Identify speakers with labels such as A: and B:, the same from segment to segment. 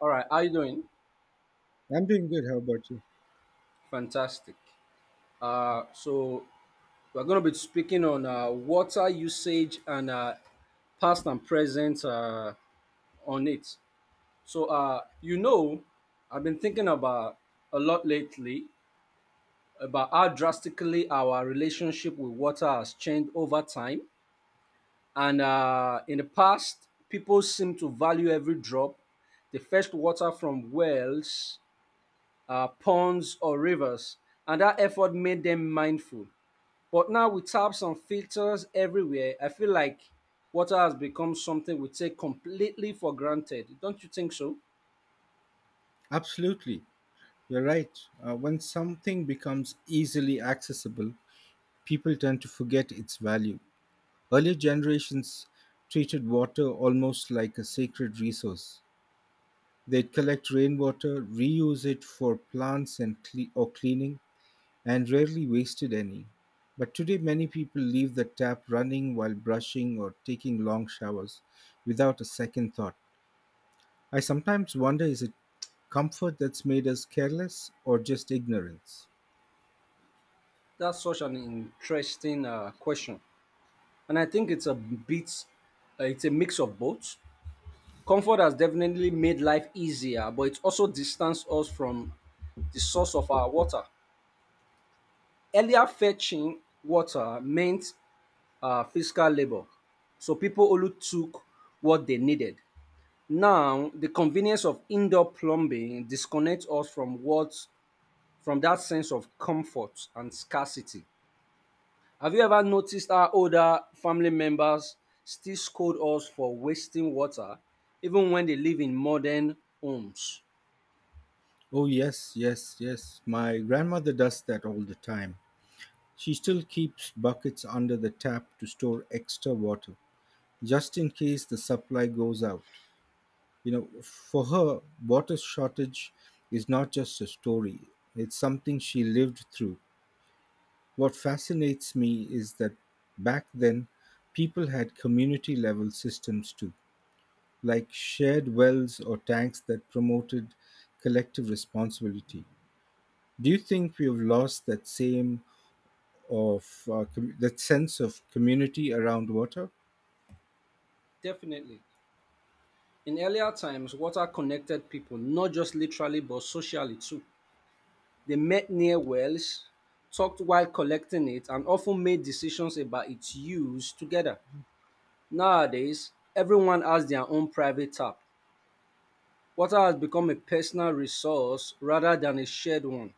A: All right, how you doing?
B: I'm doing good. How about you?
A: Fantastic. So we're going to be speaking on water usage and past and present on it. So I've been thinking about a lot lately about how drastically our relationship with water has changed over time. And in the past, people seem to value every drop. They fetched water from wells ponds, or rivers, and that effort made them mindful. But now with taps and filters everywhere, I feel like water has become something we take completely for granted. Don't you think so?
B: Absolutely. You're right. When something becomes easily accessible, people tend to forget its value. Earlier generations treated water almost like a sacred resource. They'd collect rainwater, reuse it for plants and cle- or cleaning, and rarely wasted any. But today, many people leave the tap running while brushing or taking long showers without a second thought. I sometimes wonder, is it comfort that's made us careless or just ignorance?
A: That's such an interesting question, and I think it's a mix of both. Comfort has definitely made life easier, but it's also distanced us from the source of our water. Earlier, fetching water meant fiscal labor. So people only took what they needed. Now, the convenience of indoor plumbing disconnects us from what from that sense of comfort and scarcity. Have you ever noticed how older family members still scold us for wasting water even when they live in modern homes?
B: Oh, yes, yes, yes. My grandmother does that all the time. She still keeps buckets under the tap to store extra water, just in case the supply goes out. You know, for her, water shortage is not just a story, it's something she lived through. What fascinates me is that back then, people had community level systems too, like shared wells or tanks that promoted collective responsibility. Do you think we have lost that same of that sense of community around water?
A: Definitely. In earlier times, water connected people, not just literally but socially too. They met near wells, talked while collecting it, and often made decisions about its use together. Nowadays, everyone has their own private tap. Water has become a personal resource rather than a shared one,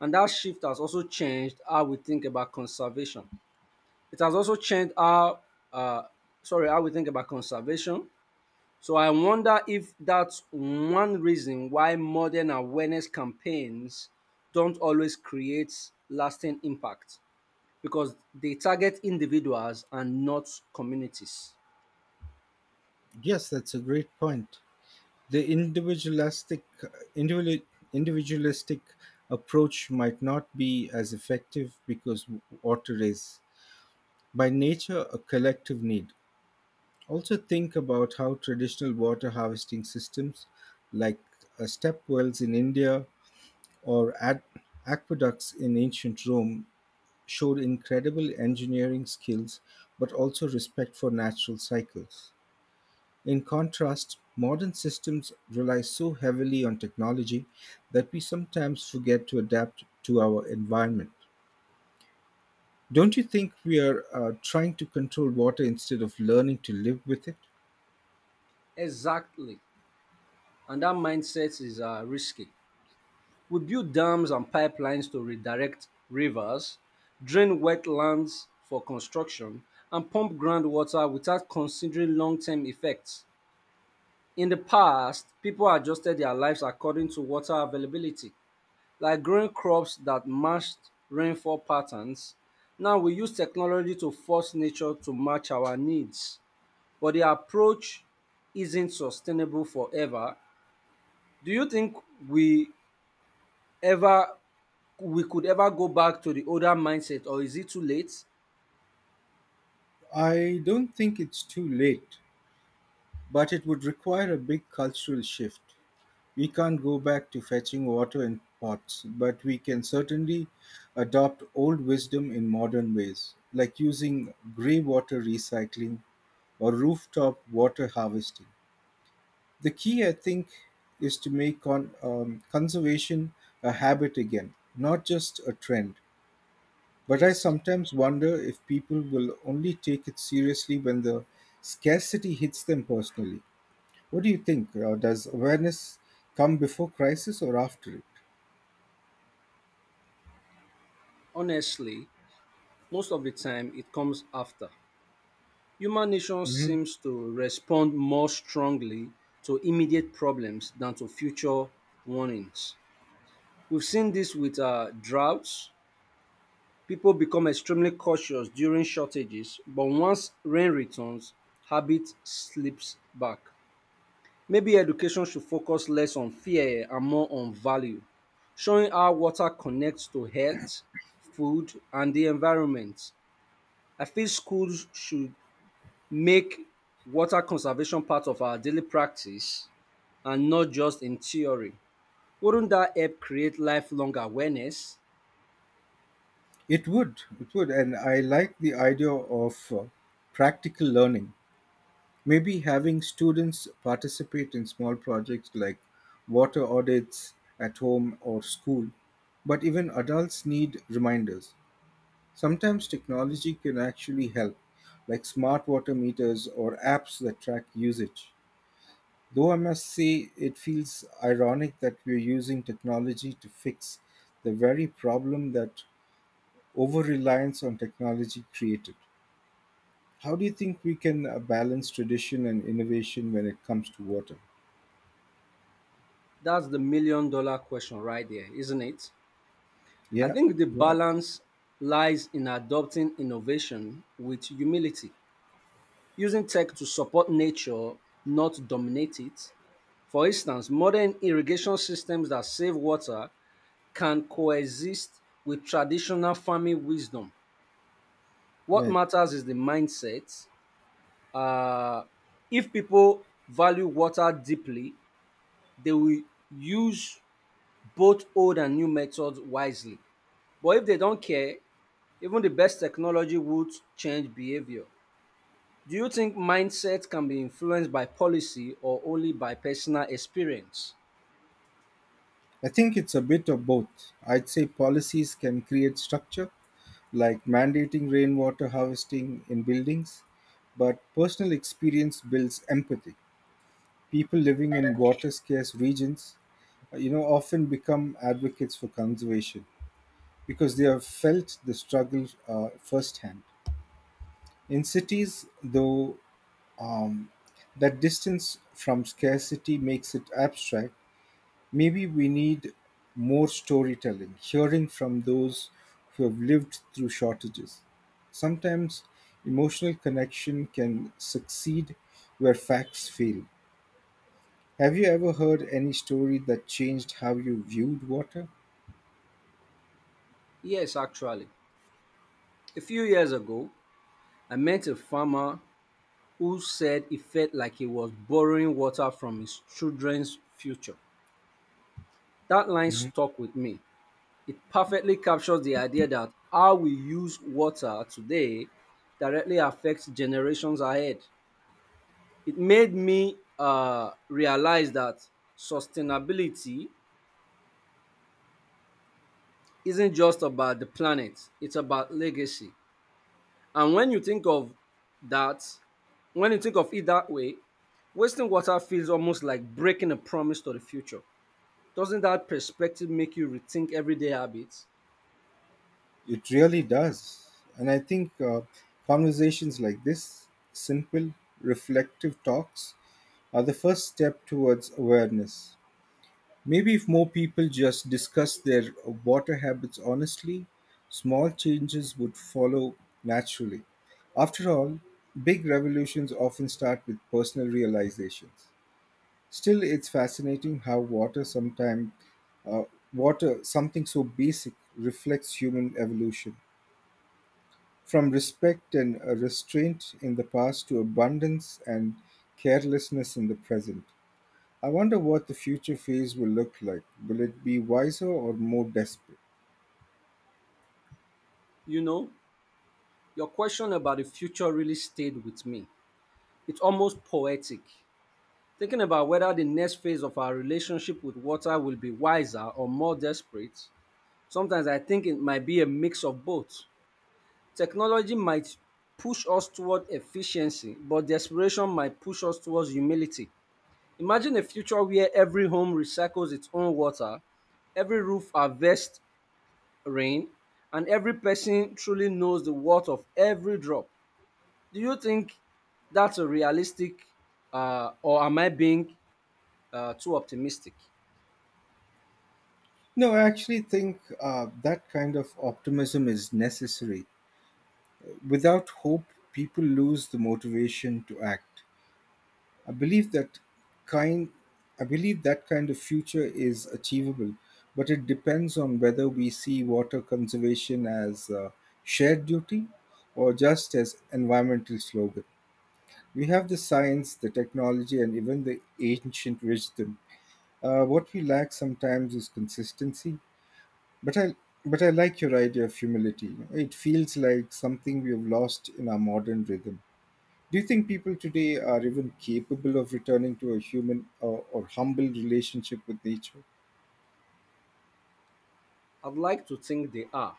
A: and that shift has also changed how we think about conservation. It has also changed uh, how we think about conservation. So I wonder if that's one reason why modern awareness campaigns don't always create lasting impact, because they target individuals and not communities.
B: Yes, that's a great point. The individual, individualistic approach might not be as effective because water is by nature a collective need. Also think about how traditional water harvesting systems like step wells in India or aqueducts in ancient Rome showed incredible engineering skills but also respect for natural cycles. In contrast, modern systems rely so heavily on technology that we sometimes forget to adapt to our environment. Don't you think we are trying to control water instead of learning to live with it?
A: Exactly. And that mindset is risky. We build dams and pipelines to redirect rivers, drain wetlands for construction, and pump groundwater without considering long term effects. In the past, people adjusted their lives according to water availability, like growing crops that matched rainfall patterns. Now we use technology to force nature to match our needs, but the approach isn't sustainable forever. Do you think we ever we could ever go back to the older mindset, or is it too late?
B: I don't think it's too late, but it would require a big cultural shift. We can't go back to fetching water in pots, but we can certainly adopt old wisdom in modern ways, like using grey water recycling or rooftop water harvesting. The key, I think, is to make conservation a habit again, not just a trend. But I
A: Yes.
B: sometimes wonder if people will only take it seriously when the scarcity hits them personally. What do you think? Does awareness come before crisis or after it?
A: Honestly, most of the time it comes after. Human nature
B: Mhm.
A: seems to respond more strongly to immediate problems than to future warnings. We've seen this with droughts. People become extremely cautious during shortages, but once rain returns, habit slips back. Maybe education should focus less on fear and more on value, showing how water connects to health, food, and the environment. I feel schools should make water conservation part of our daily practice and not just in theory. Wouldn't that help create lifelong awareness?
B: It would, and I like the idea of practical learning. Maybe having students participate in small projects like water audits at home or school, but even adults need reminders. Sometimes technology can actually help, like smart water meters or apps that track usage. Though I must say, it feels ironic that we're using technology to fix the very problem that over reliance on technology created. How do you think we can balance tradition and innovation when it comes to water?
A: That's the million dollar question right there, isn't it? I
B: Yeah,
A: think the
B: yeah,
A: balance lies in adopting innovation with humility, using tech to support nature, not dominate it. For instance, modern irrigation systems that save water can coexist with traditional farming wisdom. What
B: right.
A: matters is the mindset. Uh, if people value water deeply, they will use both old and new methods wisely. But if they don't care, even the best technology would change behavior. Do you think mindset can be influenced by policy or only by personal experience?
B: I think it's a bit of both. I'd say policies can create structure, like mandating rainwater harvesting in buildings, but personal experience builds empathy. People living in water scarce regions, you know, often become advocates for conservation because they have felt the struggle firsthand. In cities, though, um, that distance from scarcity makes it abstract. Maybe we need more storytelling, hearing from those who have lived through shortages. Sometimes emotional connection can succeed where facts fail. Have you ever heard any story that changed how you viewed water?
A: Yes, actually. A few years ago, I met a farmer who said he felt like he was borrowing water from his children's future. That line
B: Mhm.
A: stuck with me. It perfectly captures the idea that how we use water today directly affects generations ahead. It made me realize that sustainability isn't just about the planet, it's about legacy. And that, when you think of it that way, wasting water feels almost like breaking a promise to the future. Doesn't that perspective make you rethink everyday habits?
B: It really does. And I think conversations like this, simple, reflective talks, are the first step towards awareness. Maybe if more people just discuss their water habits honestly, small changes would follow naturally. After all, big revolutions often start with personal realizations. Still, it's fascinating how uh, water, something so basic, reflects human evolution. From respect and restraint in the past to abundance and carelessness in the present. I wonder what the future phase will look like. Will it be wiser or more desperate?
A: You know, your question about the future really stayed with me. It's almost poetic. Thinking about whether the next phase of our relationship with water will be wiser or more desperate, sometimes I think it might be a mix of both. Technology might push us toward efficiency, but desperation might push us towards humility. Imagine a future where every home recycles its own water, every roof harvests rain, and every person truly knows the worth of every drop. Do you think that's a realistic, or am I being too optimistic?
B: No, I actually think that kind of optimism is necessary. Without hope, people lose the motivation to act. I believe that kind I believe that kind of future is achievable, but it depends on whether we see water conservation as a shared duty or just as environmental slogan. We have the science, the technology, and even the ancient wisdom. What we lack sometimes is consistency. But I but I like your idea of humility. It feels like something we have lost in our modern rhythm. Do you think people today are even capable of returning to a human or humble relationship with nature?
A: I'd like to think they are.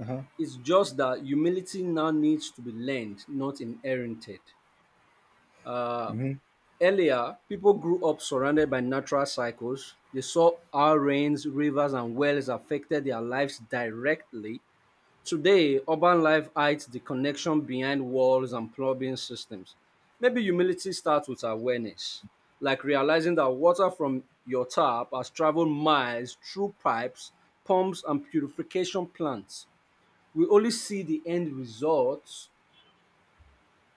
B: Uh-huh.
A: It's just that humility now needs to be learned, not inherited. Uh,
B: Hmm.
A: Earlier, people grew up surrounded by natural cycles. They saw how rains, rivers, and wells affected their lives directly. Today, urban life hides the connection behind walls and plumbing systems. Maybe humility starts with awareness, like realizing that water from your tap has traveled miles through pipes, pumps, and purification plants. We only see the end results,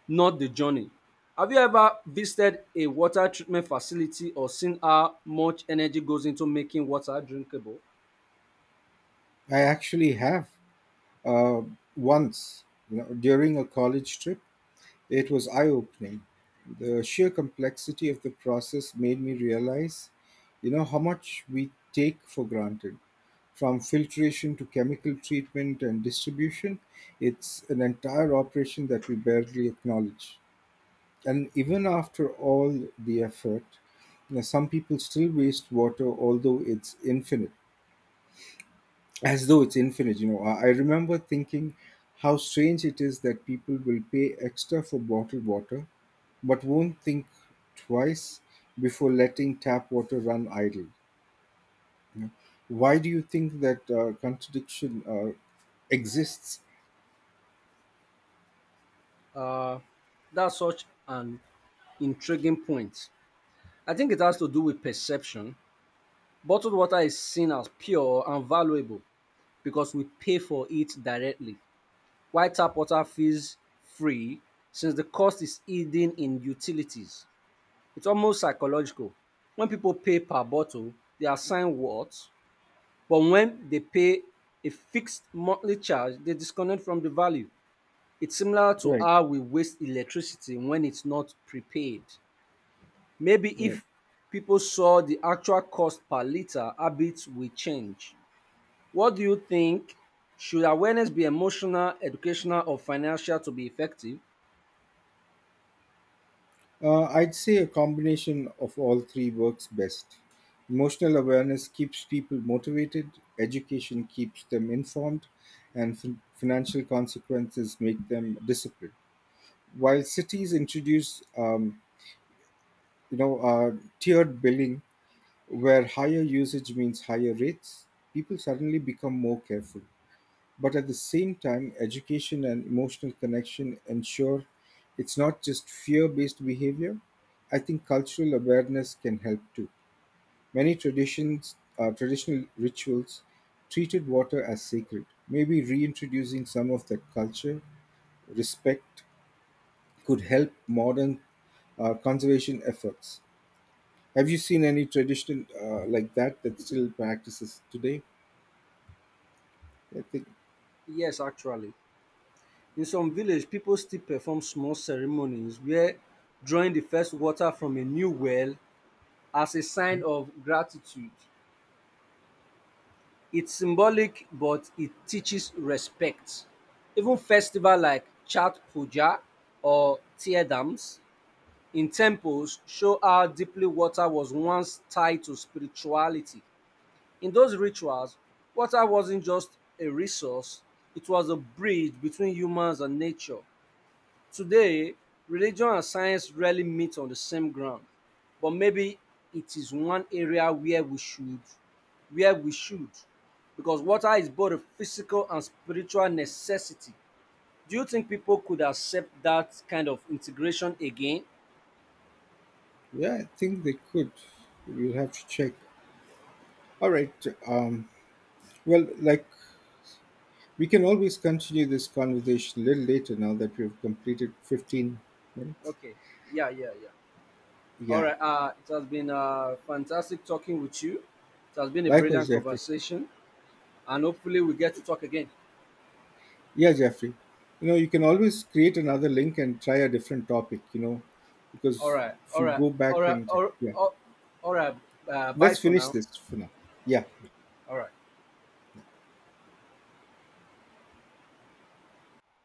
A: not the journey. Have you ever visited a water treatment facility or seen how much energy goes into making water drinkable?
B: I actually have, uh, once, you know, during a college trip. It was eye opening. The sheer complexity of the process made me realize, you know, how much we take for granted. From filtration to chemical treatment and distribution, it's an entire operation that we barely acknowledge. And even after all the effort, you know, some people still waste water, as though it's infinite. You know, I remember thinking how strange it is that people will pay extra for bottled water but won't think twice before letting tap water run idle, you know. Why do you think that contradiction exists?
A: Uh, that's such an intriguing point. I think it has to do with perception. Bottled water is seen as pure and valuable because we pay for it directly, while tap water feels free since the cost is hidden in utilities. It's almost psychological. When people pay per bottle, they assign worth, but when they pay a fixed monthly charge, they disconnect from the value. It's similar to
B: Right,
A: how we waste electricity when it's not prepaid. Maybe
B: right.
A: if people saw the actual cost per liter, habits will change. What do you think? Should awareness be emotional, educational, or financial to be effective?
B: I'd say a combination of all three works best. Emotional awareness keeps people motivated, education keeps them informed, and financial consequences make them disciplined. While cities introduce, you know, uh, tiered billing where higher usage means higher rates, people suddenly become more careful. But at the same time, education and emotional connection ensure it's not just fear based behavior. I think cultural awareness can help too. Many traditional rituals, treated water as sacred. Maybe reintroducing some of that culture, respect, could help modern conservation efforts. Have you seen any tradition like that that still practices today? I think,
A: Yes, actually. In some village, people still perform small ceremonies where drawing the first water from a new well as a sign of gratitude. It's symbolic, but it teaches respect. Even festival like Chat Puja or Tear Dams in temples show how deeply water was once tied to spirituality. In those rituals, water wasn't just a resource, it was a bridge between humans and nature. Today, religion and science rarely meet on the same ground, but maybe it is one area where we should, because water is both a physical and spiritual necessity. Do you think people could accept that kind of integration again?
B: yeah, I think they could. We'll have to check. All right. Um, well, like we can always continue this conversation a little later now that we've completed 15 minutes.
A: Okay, yeah, yeah, yeah. All
B: Yeah.
A: right, it has been fantastic talking with you. It has been a
B: Likewise,
A: brilliant
B: Jeffrey.
A: conversation, and hopefully, we get to talk again.
B: Yeah, Jeffrey. You know, you can always create another link and try a different topic, you know,
A: All
B: because
A: right,
B: if
A: all
B: you
A: right,
B: go
A: all
B: back
A: right,
B: and check, yeah.
A: all right. Bye
B: Let's
A: for
B: finish
A: now.
B: this for now. Yeah.
A: All right.